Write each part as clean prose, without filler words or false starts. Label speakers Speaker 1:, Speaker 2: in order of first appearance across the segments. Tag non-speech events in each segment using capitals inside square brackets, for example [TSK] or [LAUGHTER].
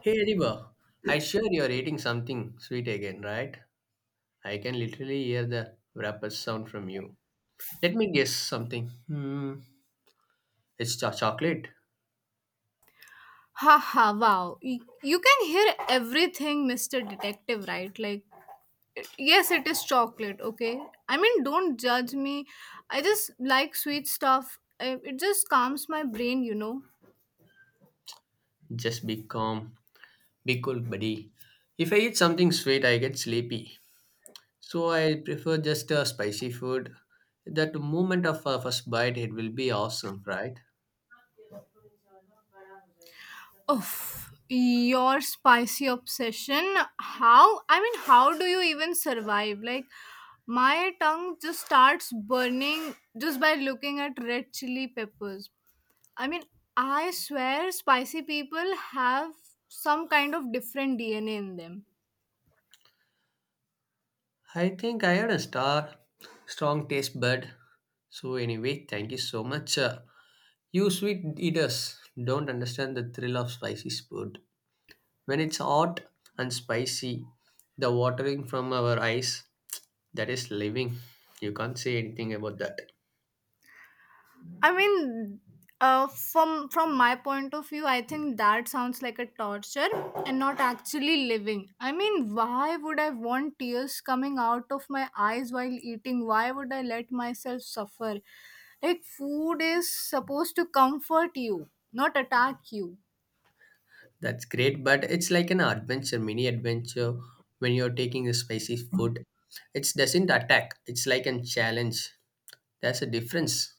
Speaker 1: Hey Adiba, I sure you're eating something sweet again, right? I can literally hear the wrapper sound from you. Let me guess something. Hmm, it's chocolate.
Speaker 2: Haha, wow. Y- You can hear everything, Mr. Detective, right? Like, yes, it is chocolate, okay? Don't judge me. I just like sweet stuff. I- It just calms my brain, you know?
Speaker 1: Just be calm, be cool, buddy. If I eat something sweet, I get sleepy. So I prefer just a spicy food. That moment of a first bite, it will be awesome, right?
Speaker 2: Oof, your spicy obsession. How? How do you even survive? Like, my tongue just starts burning just by looking at red chili peppers. I mean, I swear spicy people have some kind of different DNA in them.
Speaker 1: I think I had a strong taste bud. So anyway, thank you so much. You sweet eaters don't understand the thrill of spicy food. When it's hot and spicy, the watering from our eyes, that is living. You can't say anything about that.
Speaker 2: I mean, from my point of view, I think that sounds like a torture and not actually living. Why would I want tears coming out of my eyes while eating? Why would I let myself suffer? Like food is supposed to comfort you, not attack you.
Speaker 1: That's great, but it's like an adventure, mini adventure when you're taking a spicy food. It doesn't attack, it's like a challenge. There's a difference.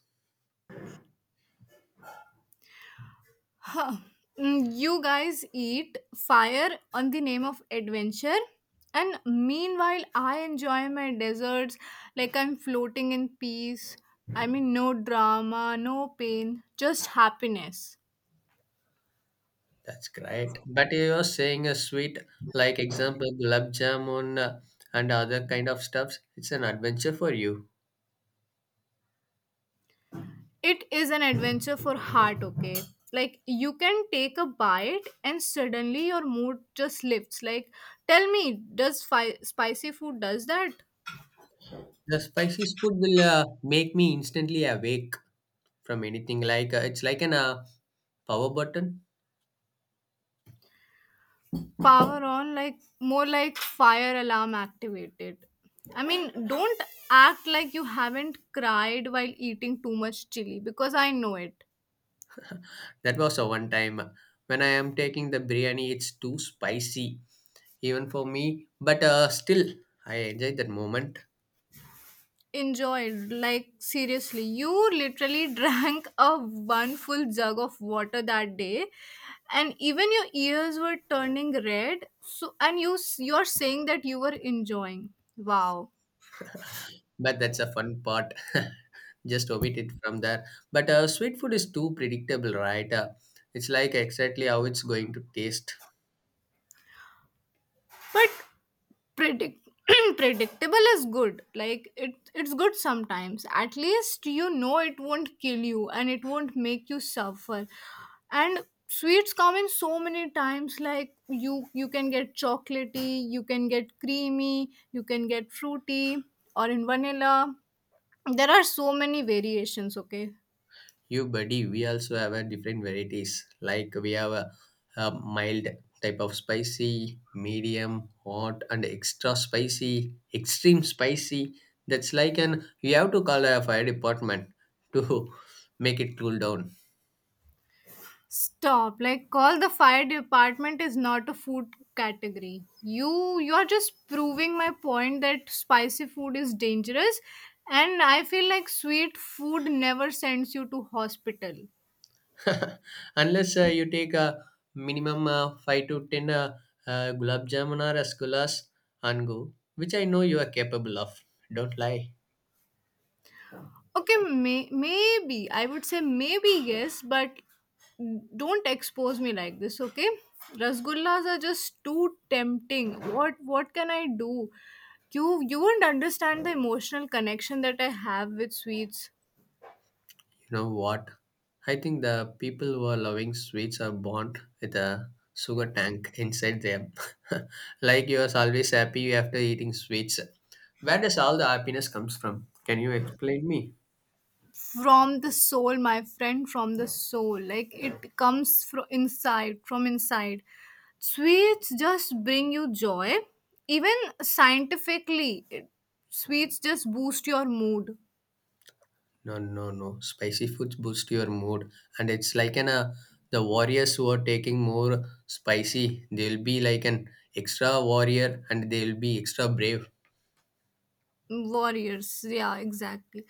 Speaker 2: Mm, you guys eat fire on the name of adventure, and meanwhile I enjoy my desserts like I'm floating in peace. No drama, no pain, just happiness.
Speaker 1: That's great. But you're saying a sweet, like example, gulab jamun and other kind of stuffs, it's an adventure for you.
Speaker 2: It is an adventure for heart, okay? Like you can take a bite and suddenly your mood just lifts. Like, tell me, spicy food does that?
Speaker 1: The spicy food will make me instantly awake from anything. Like it's like an power button.
Speaker 2: Power on, like, more like fire alarm activated. Don't act like you haven't cried while eating too much chili, because I know it.
Speaker 1: That was a one time when I am taking the biryani. It's too spicy even for me, but still I enjoy that moment.
Speaker 2: Enjoyed? Like, seriously, you literally [LAUGHS] drank a one full jug of water that day, and even your ears were turning red. So, and you're saying that you were enjoying. Wow.
Speaker 1: But that's a fun part. [LAUGHS] Just omit it from there. But sweet food is too predictable, right? It's like exactly how it's going to taste.
Speaker 2: But predict [CLEARS THROAT] predictable is good. Like, it's good sometimes. At least you know it won't kill you, and it won't make you suffer. And sweets come in so many times. Like, you can get chocolatey, you can get creamy, you can get fruity, or in vanilla. There are so many variations, okay?
Speaker 1: You buddy, we also have a different varieties. Like we have a mild type of spicy, medium, hot, and extra spicy, extreme spicy. That's like an you have to call a fire department to [LAUGHS] make it cool down.
Speaker 2: Stop. Like, call the fire department is not a food category. You're just proving my point that spicy food is dangerous, and I feel like sweet food never sends you to hospital.
Speaker 1: [LAUGHS] Unless you take a minimum five to ten gulab jamun or rasgullas and go, which I know you are capable of. Don't lie.
Speaker 2: Okay, maybe I would say maybe yes, but don't expose me like this, okay? Rasgullas are just too tempting. What can I do? You won't understand the emotional connection that I have with sweets.
Speaker 1: You know what? I think the people who are loving sweets are born with a sugar tank inside them. [LAUGHS] like you are always happy after eating sweets. Where does all the happiness comes from? Can you explain me?
Speaker 2: From the soul, my friend, from the soul. Like, it comes from inside, sweets just bring you joy. Even scientifically, it, sweets just boost your mood.
Speaker 1: No, no, no. Spicy foods boost your mood, and it's like an the warriors who are taking more spicy. They'll be like an extra warrior, and they'll be extra brave.
Speaker 2: Warriors, yeah, exactly.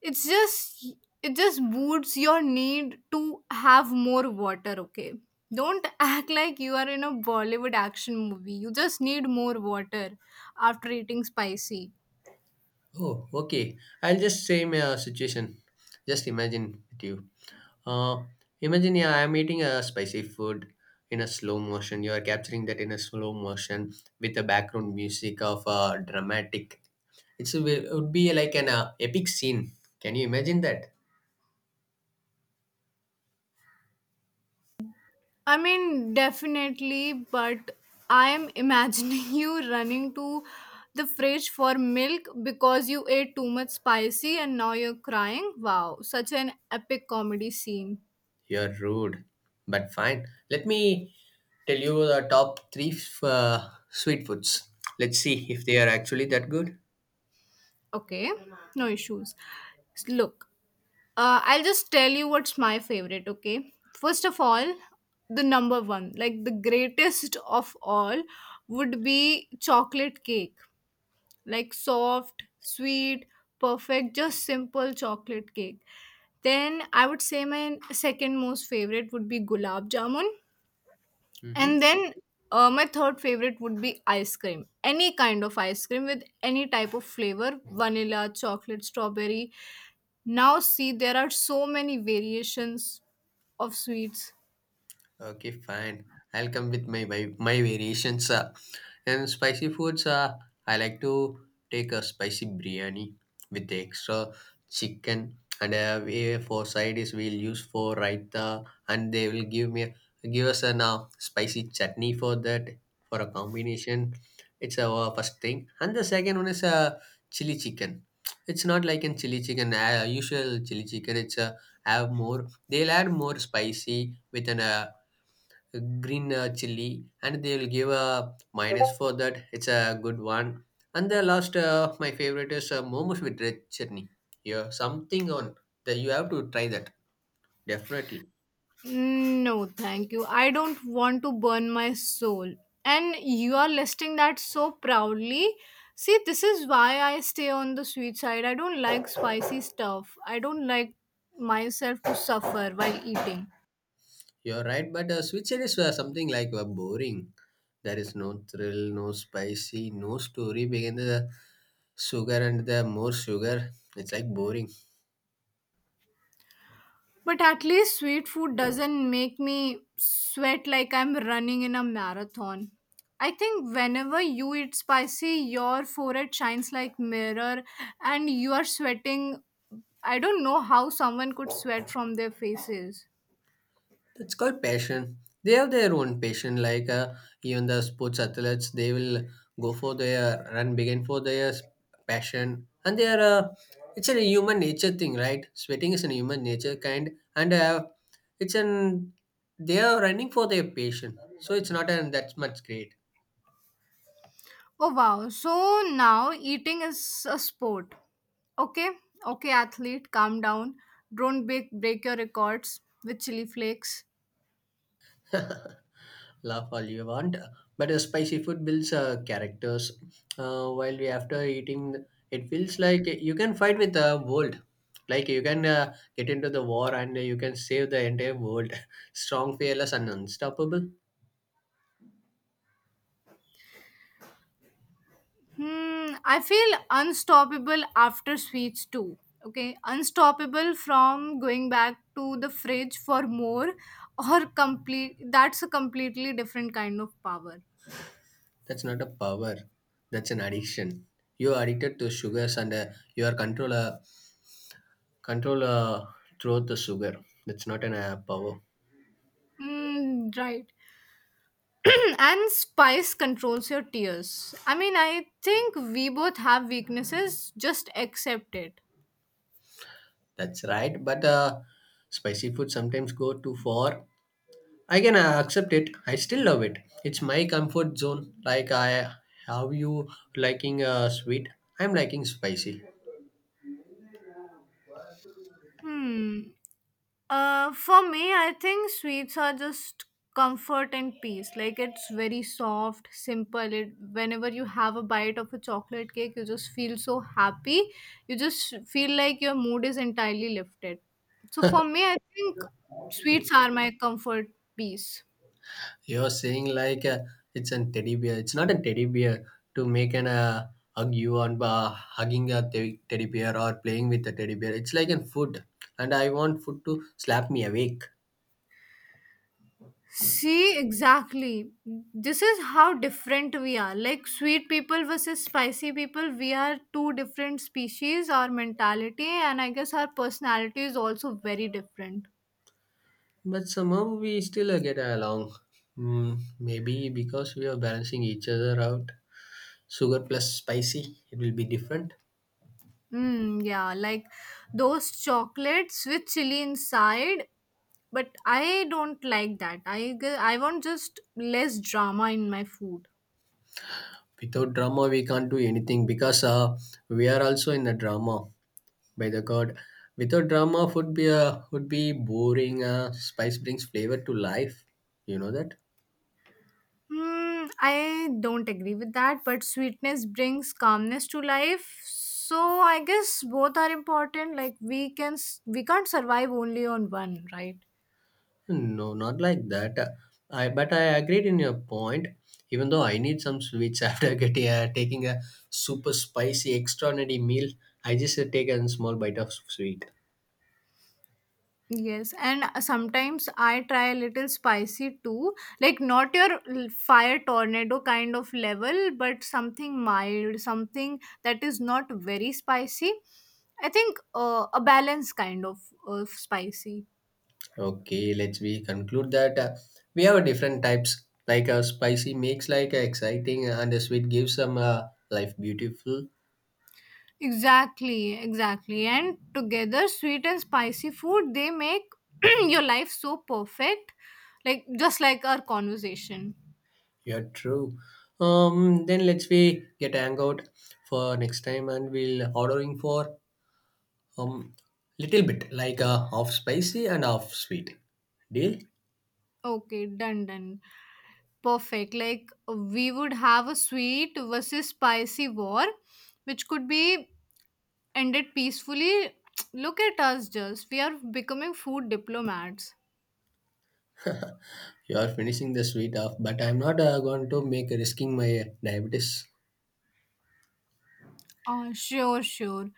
Speaker 2: it's just it just boosts your need to have more water, okay? Don't [LAUGHS] act like you are in a Bollywood action movie. You just need more water after eating spicy.
Speaker 1: Oh, okay. I'll just say my situation. Just imagine with you. Uh, imagine, yeah, I'm eating a spicy food in a slow motion. You are capturing that in a slow motion with the background music of dramatic. It would be like an epic scene. Can you imagine that?
Speaker 2: I mean, definitely, but I am imagining [LAUGHS] you running to the fridge for milk because you ate too much spicy, and now you're crying. Wow, such an epic comedy scene.
Speaker 1: You're rude, but fine. Let me tell you the top three sweet foods. Let's see if they are actually that good.
Speaker 2: Okay, no issues. Look, I'll just tell you what's my favorite, okay? First of all, the number one, like the greatest [LAUGHS] of all, would be chocolate cake. Like soft, sweet, perfect, just simple chocolate cake. Then I would say my second most favorite would be gulab jamun, and
Speaker 1: Mhm.
Speaker 2: then my third favorite would be ice cream. Any kind of ice cream with any type of flavor, vanilla, chocolate, strawberry. Now see, there are so many variations of sweets.
Speaker 1: Okay, fine. I'll come with my variations. And spicy foods, I like to take a spicy biryani with the extra chicken. And for side is we'll use for raita, and they will give us an spicy chutney for that for a combination. It's our first thing, and the second one is chili chicken. It's not like in chili chicken, usual chili chicken. It's have more. They'll add more spicy with an green chili and they will give a minus for that, it's a good one, and the last my favorite is momos with red chutney, yeah, something on that, you have to try that definitely.
Speaker 2: Mm, no, thank you. I don't want to burn my soul. And you are listing that so proudly. See, this is why I stay on the sweet side. I don't like spicy stuff. I don't like myself to suffer while eating.
Speaker 1: You're right, but switzerland is something like boring. There is no thrill, no spicy, no story behind the sugar and the more sugar, it's like boring.
Speaker 2: But at least sweet food doesn't make me sweat like I'm running in a marathon. I think whenever you eat spicy, your forehead shines like mirror, and you are sweating. I don't know how someone could sweat from their faces.
Speaker 1: It's called passion. They have their own passion. Like even the sports athletes, they will go for their run, begin for their passion, and they are. It's a human nature thing, right? Sweating is a human nature kind, and it's an they are running for their passion. So it's not an that's much great.
Speaker 2: Oh wow. So now eating is a sport. Okay? Okay athlete, calm down. Don't break your records with chili flakes.
Speaker 1: [LAUGHS] Laugh all you want, but a spicy food builds characters. While we after eating, it feels like you can fight with the world. Like you can get into the war and you can save the entire world. [LAUGHS] Strong, fearless, and unstoppable.
Speaker 2: Hmm, I feel unstoppable after sweets too. Okay, unstoppable from going back to the fridge for more, [LAUGHS] or complete, that's a completely different kind of power.
Speaker 1: That's not a power. That's an addiction. You are addicted to sugars and you are control through the sugar. That's not an power.
Speaker 2: Hmm, right. [CLEARS THROAT] and spice controls your tears. I think we both have weaknesses, just accept it.
Speaker 1: That's right. But spicy food sometimes go too far. I can accept it. I still love it. It's my comfort zone. How you liking sweet? I'm liking spicy.
Speaker 2: Hmm. For me, I think sweets are just comfort and peace. Like, it's very soft, simple. It, whenever you have a bite of a chocolate cake, you just feel so happy. You just feel like your mood is entirely lifted. So for me, I think sweets are my comfort piece.
Speaker 1: You're saying like it's a teddy bear. It's not a teddy bear to make an hug you on hugging a teddy bear or playing with a teddy bear. It's like a food, and I want food to slap me awake.
Speaker 2: See, exactly. This is how different we are. Like sweet people versus spicy people, we are two different species, our mentality, and I guess our personality is also very different.
Speaker 1: But somehow we still get along. Mm, maybe because we are balancing each other out. Sugar plus spicy, it will be different.
Speaker 2: Mm, yeah, like those chocolates with chili inside, but I don't like that. I want just less drama in my food.
Speaker 1: Without drama, we can't do anything because we are also in the drama by the God. Without drama, would be boring. Spice brings flavor to life. You know that?
Speaker 2: Hmm, I don't agree with that, but sweetness brings calmness to life. So I guess both are important. Like, we we can't survive only on one, right?
Speaker 1: No, not like that. I but I agreed in your point. Even though I need some sweets [LAUGHS] after getting taking a super spicy extraordinary meal, I just take a small bite of sweet.
Speaker 2: Yes, and sometimes I try a little spicy too. Like, not your fire tornado kind of level, but something mild, something that is not very spicy. I think a balance of spicy.
Speaker 1: Okay, let's we conclude that we have a different types like a spicy makes like exciting and a sweet gives some life beautiful.
Speaker 2: Exactly, exactly. And together, sweet and spicy food, they make [CLEARS THROAT] your life so perfect. Like, just like our conversation.
Speaker 1: Yeah, true. Then let's we get hangout for next time and we'll ordering for um little bit like half spicy and half sweet. Deal?
Speaker 2: Okay, done, done. Perfect. Like, we would have a sweet versus spicy war, which could be ended peacefully. [TSK] Look at us just. We are becoming food diplomats.
Speaker 1: [LAUGHS] you are finishing the sweet off, but I'm not going to make risking my diabetes.
Speaker 2: Oh, sure, sure.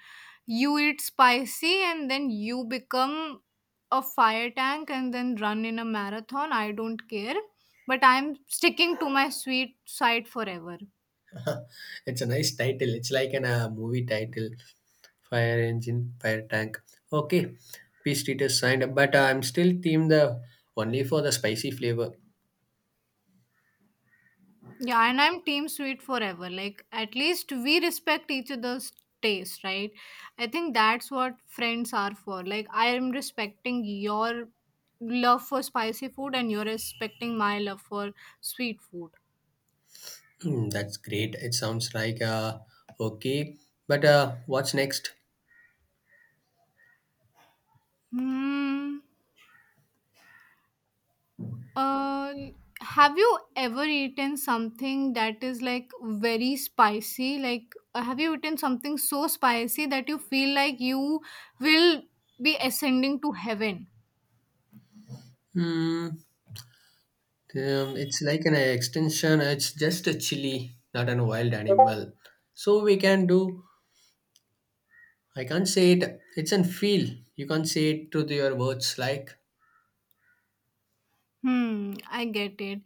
Speaker 2: You eat spicy and then you become a fire tank and then run in a marathon. I don't care. But I'm sticking to my sweet side forever.
Speaker 1: [LAUGHS] It's a nice title. It's like an movie title, fire engine, fire tank. Okay, peace treater signed up, but I'm still team the only for the spicy flavor.
Speaker 2: Yeah, and I'm team sweet forever. Like, at least we respect each other's taste, right? I think that's what friends are for. Like, I am respecting your love for spicy food, and you're respecting my love for sweet food.
Speaker 1: Hmm, that's great. It sounds like okay, but what's next?
Speaker 2: Hmm. Uh, have you ever eaten something that is like very spicy? Like, have you eaten something so spicy that you feel like you will be ascending to heaven?
Speaker 1: Hmm, it's like an extension. It's just a chili, not an wild animal. So we can do. I can't say it. It's an feel. You can't say it to your words like.
Speaker 2: Hmm, I get it.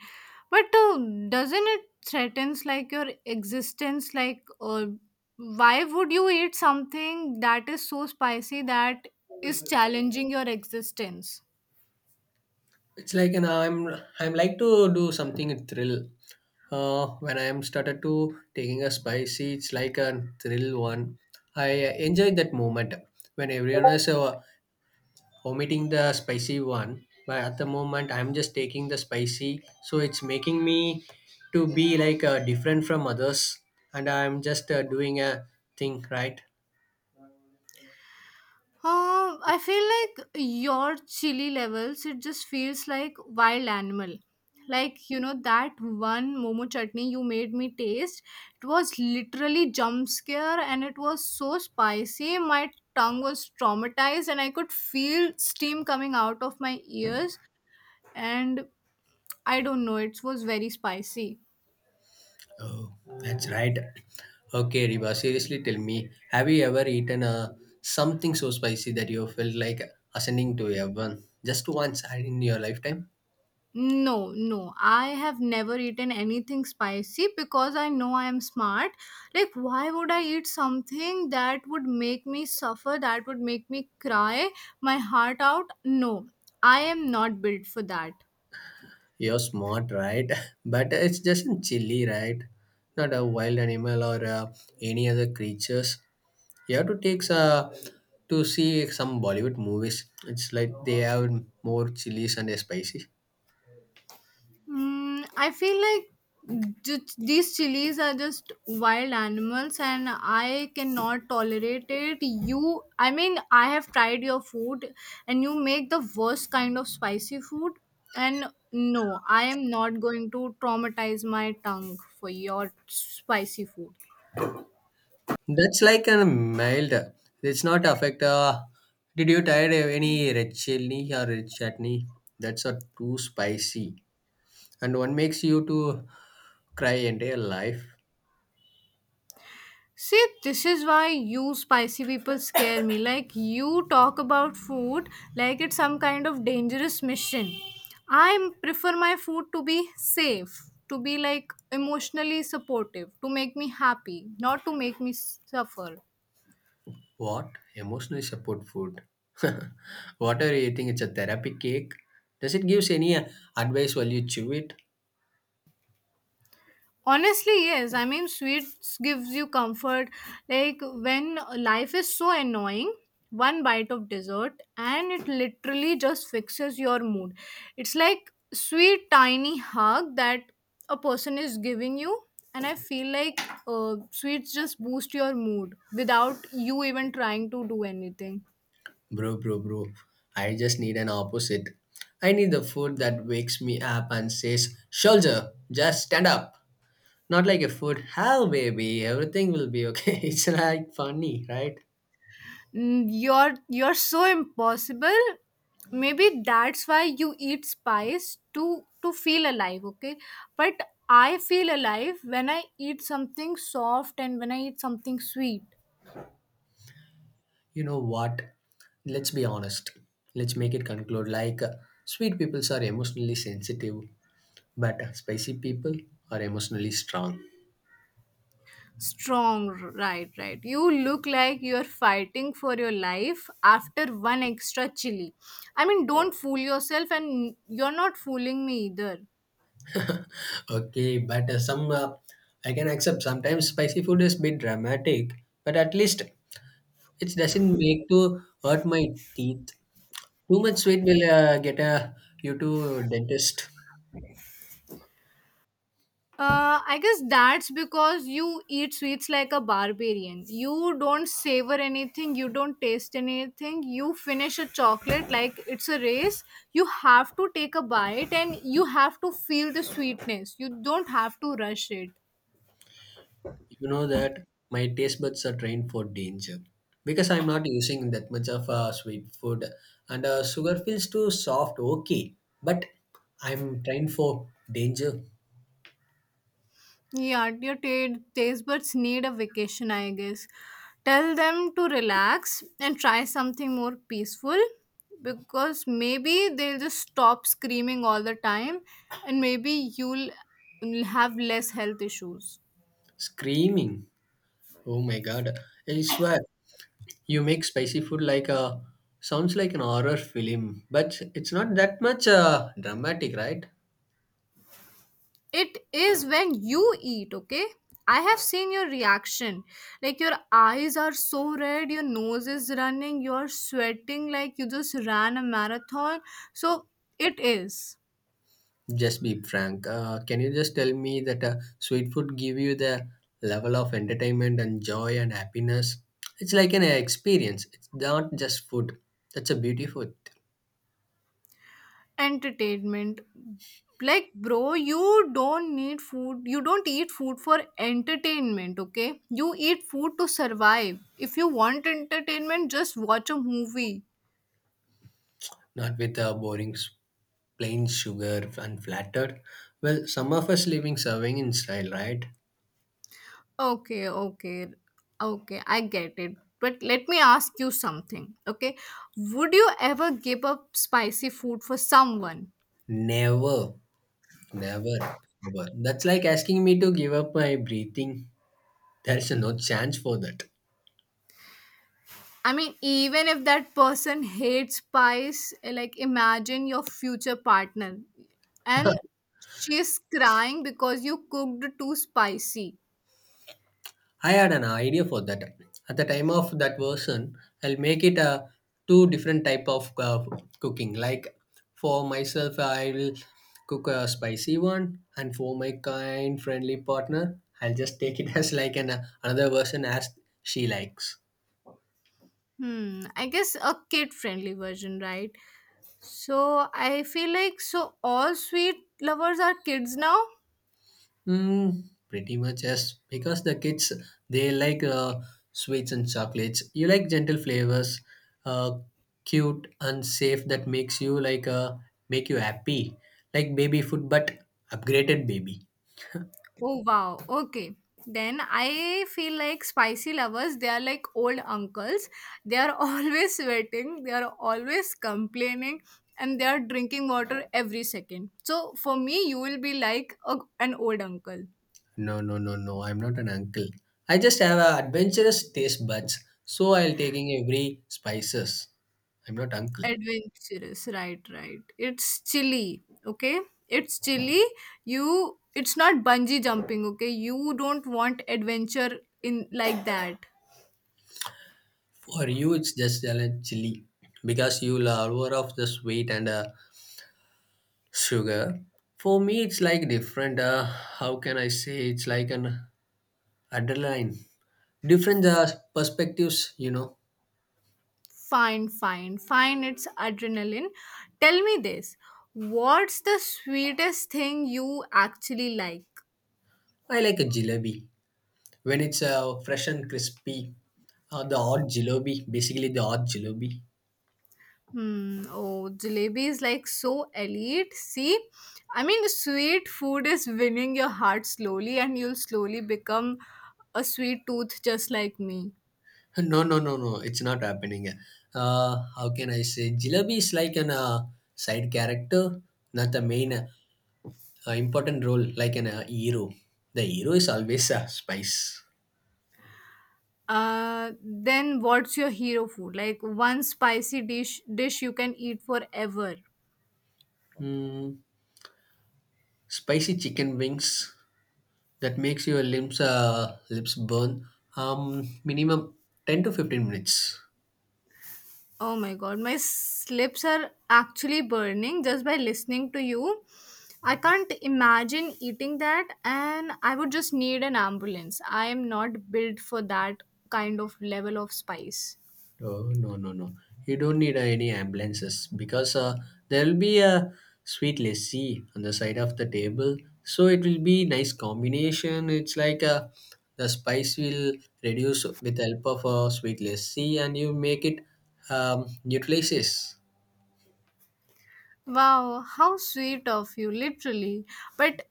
Speaker 2: But doesn't it threatens like your existence? Like, why would you eat something that is so spicy that is challenging your existence?
Speaker 1: It's like an I'm like to do something a thrill. When I'm started to taking a spicy, it's like a thrill one. I enjoy that moment when everyone is omitting the spicy one. But at the moment, I'm just taking the spicy, so it's making me to be like different from others, and I'm just doing a thing right.
Speaker 2: I feel like your chili levels, it just feels like wild animal. Like, you know, that one momo chutney you made me taste, it was literally jump scare, and it was so spicy. My tongue was traumatized, and I could feel steam coming out of my ears. And I don't know, it was very spicy.
Speaker 1: Oh, that's right. Okay, Riba. Seriously tell me, have you ever eaten something so spicy that you felt like ascending to heaven just once in your lifetime?
Speaker 2: No, no. I have never eaten anything spicy because I know I am smart. Like, why would I eat something that would make me suffer, that would make me cry my heart out? No, I am not built for that.
Speaker 1: You're smart, right? [LAUGHS] But it's just in chili, right? Not a wild animal or any other creatures. You have to take to see some Bollywood movies. It's like they have more chilies and spicy.
Speaker 2: Mm, I feel like these chilies are just wild animals, and I cannot tolerate it. You, I have tried your food, and you make the worst kind of spicy food. And no, I am not going to traumatize my tongue for your spicy food.
Speaker 1: That's like a mild. It's not affect. Did you try any red chili or red chutney? That's a too spicy, and one makes you to cry entire life.
Speaker 2: See, this is why you spicy people scare me. Like, you talk about food like it's some kind of dangerous mission. I prefer my food to be safe, to be like emotionally supportive, to make me happy, not to make me suffer.
Speaker 1: What emotional support food? [LAUGHS] what are you eating? It's a therapy cake. Does it gives any advice while you chew it,
Speaker 2: Honestly, yes. Sweets gives you comfort. Like, when life is so annoying, one bite of dessert and it literally just fixes your mood. It's like sweet tiny hug that a person is giving you, and I feel like sweets just boost your mood without you even trying to do anything.
Speaker 1: bro? I just need an opposite. I need the food that wakes me up and says, "Soldier, just stand up." Not like a food, hell baby, everything will be okay. [LAUGHS] It's like funny, right?
Speaker 2: Mm, you're so impossible. Maybe that's why you eat spice to feel alive, okay? But I feel alive when I eat something soft and when I eat something sweet.
Speaker 1: You know what? Let's be honest. Let's make it conclude like sweet people are emotionally sensitive, but spicy people are emotionally strong.
Speaker 2: Strong, right, right. You look like you're fighting for your life after one extra chili. Don't fool yourself, and you're not fooling me either.
Speaker 1: Okay, but some I can accept sometimes spicy food is bit dramatic, but at least it doesn't make to hurt my teeth. Too much sweet will get you to dentist.
Speaker 2: I guess that's because you eat sweets like a barbarian. You don't savor anything, you don't taste anything. You finish a chocolate like it's a race. You have to take a bite and you have to feel the sweetness. You don't have to rush it.
Speaker 1: You know that my taste buds are trained for danger because I'm not using that much of sweet food and sugar feels too soft. Okay, but I'm trained for danger.
Speaker 2: Yeah, your taste buds need a vacation, I guess. Tell them to relax and try something more peaceful, because maybe they'll just stop screaming all the time, and maybe you'll have less health issues.
Speaker 1: Screaming! Oh my god! I swear you make spicy food like a sounds like an horror film, but it's not that much dramatic, right?
Speaker 2: It is when you eat, okay? I have seen your reaction. Like, your eyes are so red, your nose is running, you're sweating like you just ran a marathon. So it is.
Speaker 1: Just be frank. Can you just tell me that sweet food give you the level of entertainment and joy and happiness? It's like an experience. It's not just food. That's a beautiful. Thing.
Speaker 2: Entertainment? Like, bro, you don't need food, you don't eat food for entertainment. Okay, you eat food to survive. If you want entertainment, just watch a movie.
Speaker 1: Not with a boring plain sugar and flattered. Well, some of us living serving in style, right?
Speaker 2: Okay, okay, I get it, but let me ask you something, okay, would you ever give up spicy food for someone?
Speaker 1: Never, never, never. That's like asking me to give up my breathing. There's no chance for that.
Speaker 2: I mean, even if that person hates spice, like, imagine your future partner and she's crying because you cooked too spicy.
Speaker 1: I had an idea for that. At the time of that version, I'll make it a two different type of cooking. Like for myself, I will cook a spicy one, and for my kind friendly partner, I'll just take it [LAUGHS] as like an another version as she likes.
Speaker 2: Hmm, I guess a kid friendly version, right? So I feel like so all sweet lovers are kids now.
Speaker 1: Mm, pretty much yes, because the kids they like sweets and chocolates. You like gentle flavors, uh, cute and safe that makes you like make you happy, like baby food but upgraded baby.
Speaker 2: Oh wow. Okay. Then I feel like spicy lovers, they are like old uncles. They are [LAUGHS] always sweating, they are always complaining, and they are drinking water every second. So for me, you will be like a, an old uncle.
Speaker 1: No, no, no, no. I'm not an uncle. I just have a adventurous taste buds, so I'll taking every spices. I'm not uncle.
Speaker 2: Adventurous, right, right. It's chilly, okay? It's chilly. You, it's not bungee jumping, okay? You don't want adventure in like that.
Speaker 1: For you, it's just a chili because you love over of the sweet and Sugar, for me, it's like different. How can I say? It's like an adrenaline. Different perspectives, you know.
Speaker 2: Fine, fine, fine. It's adrenaline. Tell me this. What's the sweetest thing you actually like?
Speaker 1: I like a jalebi when it's fresh and crispy. The hot jalebi, basically the hot jalebi. [LAUGHS]
Speaker 2: Hmm. Oh, jalebi is like so elite. See, I mean, sweet food is winning your heart slowly, and you'll slowly become a sweet tooth just like me.
Speaker 1: No, no, no, no. It's not happening. How can I say? Jalebi is like an side character, not the main important role, like an hero. The hero is always a spice.
Speaker 2: Then what's your hero food? Like, one spicy dish you can eat forever.
Speaker 1: Mm, spicy chicken wings that makes your limbs lips burn minimum 10 to 15 minutes.
Speaker 2: Oh my god, my lips are actually burning just by listening to you. I can't imagine eating that, and I would just need an ambulance. I am not built for that kind of level of spice.
Speaker 1: Oh, no, no, no, you don't need any ambulances, because there will be a sweet lassi on the side of the table, so it will be nice combination. It's like the spice will reduce with help of a sweet lassi, and you make it um, nutritious.
Speaker 2: Wow, how sweet of you, literally. But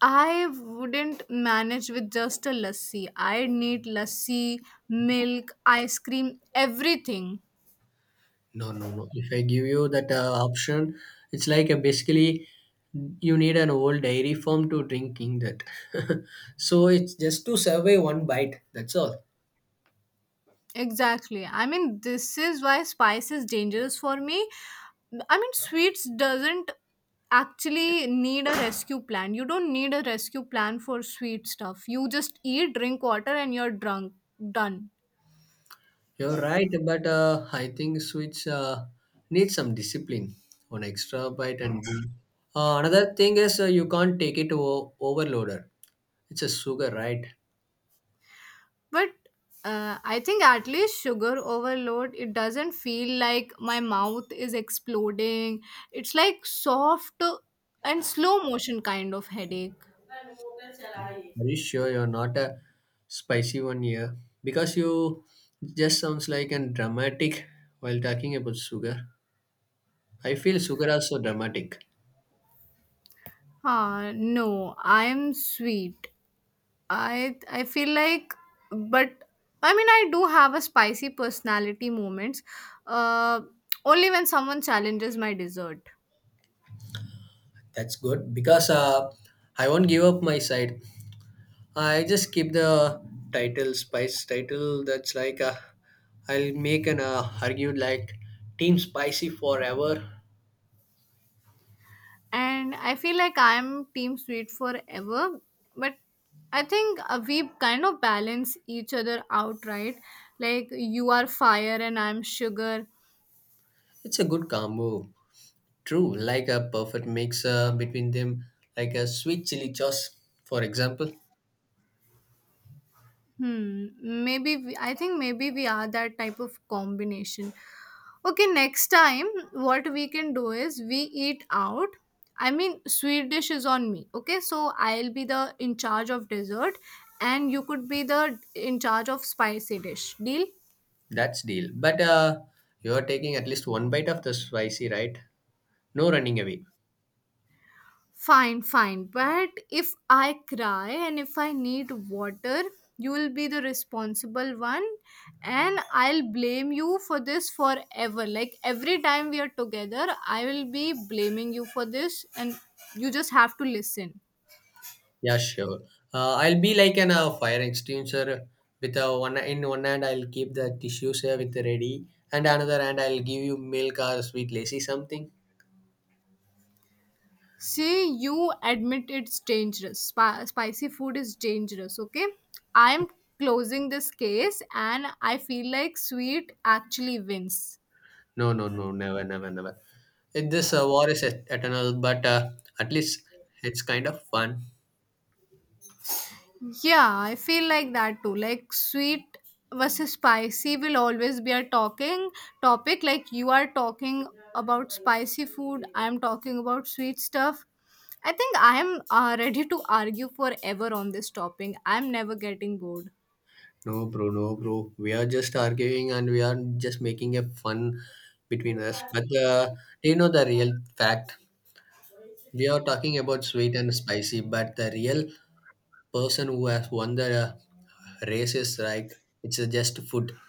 Speaker 2: I wouldn't manage with just a lassi. I need lassi, milk, ice cream, everything.
Speaker 1: No, no, no. If I give you that option, it's like basically you need an old dairy farm to drinking that. [LAUGHS] So it's just to survive one bite. That's all.
Speaker 2: Exactly. I mean, this is why spice is dangerous for me. I mean, sweets doesn't actually need a rescue plan. You don't need a rescue plan for sweet stuff. You just eat, drink water, and you're drunk. Done.
Speaker 1: You're right, but I think Switch needs some discipline. One extra bite and boom. Another thing is you can't take it overloader. It's a sugar, right?
Speaker 2: But I think at least sugar overload, it doesn't feel like my mouth is exploding. It's like soft and slow motion kind of headache.
Speaker 1: Are you sure you're not a spicy one here? Because you just sounds like a dramatic while talking about sugar. I feel sugar are so dramatic.
Speaker 2: Ah, no, I'm sweet. I feel like, but I mean, I do have a spicy personality moments. Uh, Only when someone challenges my dessert,
Speaker 1: That's good because I won't give up my side. I just keep the title spice title. That's like I'll make an argue like team spicy forever.
Speaker 2: and I feel like I'm team sweet forever. But I think we kind of balance each other out, right? Like, you are fire and I'm sugar.
Speaker 1: It's a good combo. True, like a perfect mix between them, like a sweet chili sauce, for example.
Speaker 2: Hmm. Maybe we, I think maybe we are that type of combination. Okay, next time what we can do is we eat out. I mean, sweet dish is on me. Okay, so I'll be the in charge of dessert, and you could be the in charge of spicy dish. Deal?
Speaker 1: That's deal. But you're taking at least one bite of the spicy, right? No running away.
Speaker 2: Fine, fine. But if I cry and if I need water, you will be the responsible one and I'll blame you for this forever. Like, every time we are together, I will be blaming you for this and you just have to listen.
Speaker 1: Yeah, sure. I'll be like an fire extinguisher with a one in one hand. I'll keep the tissues here with ready, and another hand I'll give you milk or sweet lacy something.
Speaker 2: See, you admit it's dangerous. Spicy food is dangerous, okay? I'm closing this case and I feel like sweet actually wins.
Speaker 1: No, no, no, never, never, never. This war is eternal, but at least it's kind of fun.
Speaker 2: Yeah, I feel like that too. Like, sweet versus spicy will always be a talking topic. Like, you are talking about spicy food, I'm talking about sweet stuff. I think I am ready to argue forever on this topic. I'm never getting bored.
Speaker 1: No, bro, no, bro. We are just arguing and we are just making a fun between us. But do you know the real fact? We are talking about sweet and spicy, but the real person who has won the races, right? It's just food.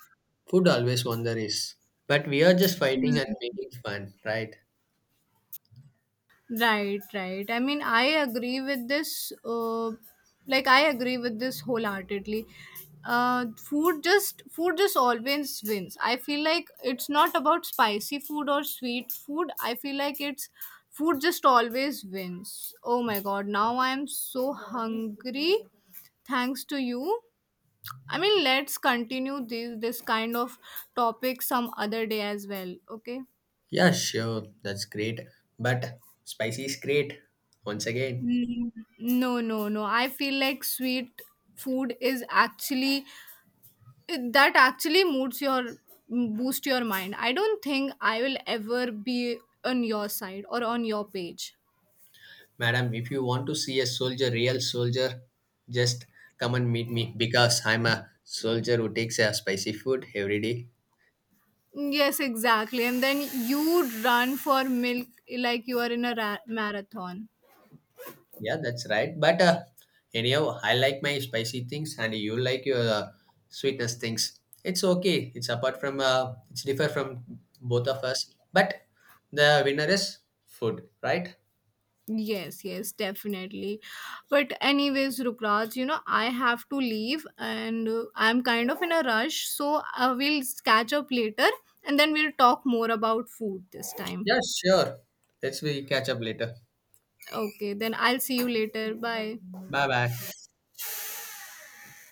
Speaker 1: Food always won the race. But we are just fighting and
Speaker 2: Hmm.
Speaker 1: making fun, right?
Speaker 2: Right, right. I mean, I agree with this. I agree with this wholeheartedly. Food just always wins. I feel like it's not about spicy food or sweet food. I feel like it's food just always wins. Oh my god! Now I am so hungry. Thanks to you. I mean, let's continue this kind of topic some other day as well. Okay.
Speaker 1: Yeah, sure. That's great. But spicy is great. Once again,
Speaker 2: Mm, no, no, no. I feel like sweet food is actually that actually moods your boost your mind. I don't think I will ever be on your side or on your page.
Speaker 1: madam, if you want to see a soldier, real soldier, just come and meet me because I'm a soldier who takes a spicy food every day.
Speaker 2: Yes, exactly. And then you run for milk like you are in a marathon.
Speaker 1: Yeah, that's right. But anyhow, I like my spicy things, and you like your sweetness things. It's okay. It's apart from it's differ from both of us. But the winner is food, right?
Speaker 2: Yes, yes, definitely. But anyways, Rukraj, you know, I have to leave and I'm kind of in a rush, so we'll catch up later and then we'll talk more about food this time.
Speaker 1: Yeah, sure. Let's we catch up later.
Speaker 2: Okay, then I'll see you later. Bye.
Speaker 1: Bye bye.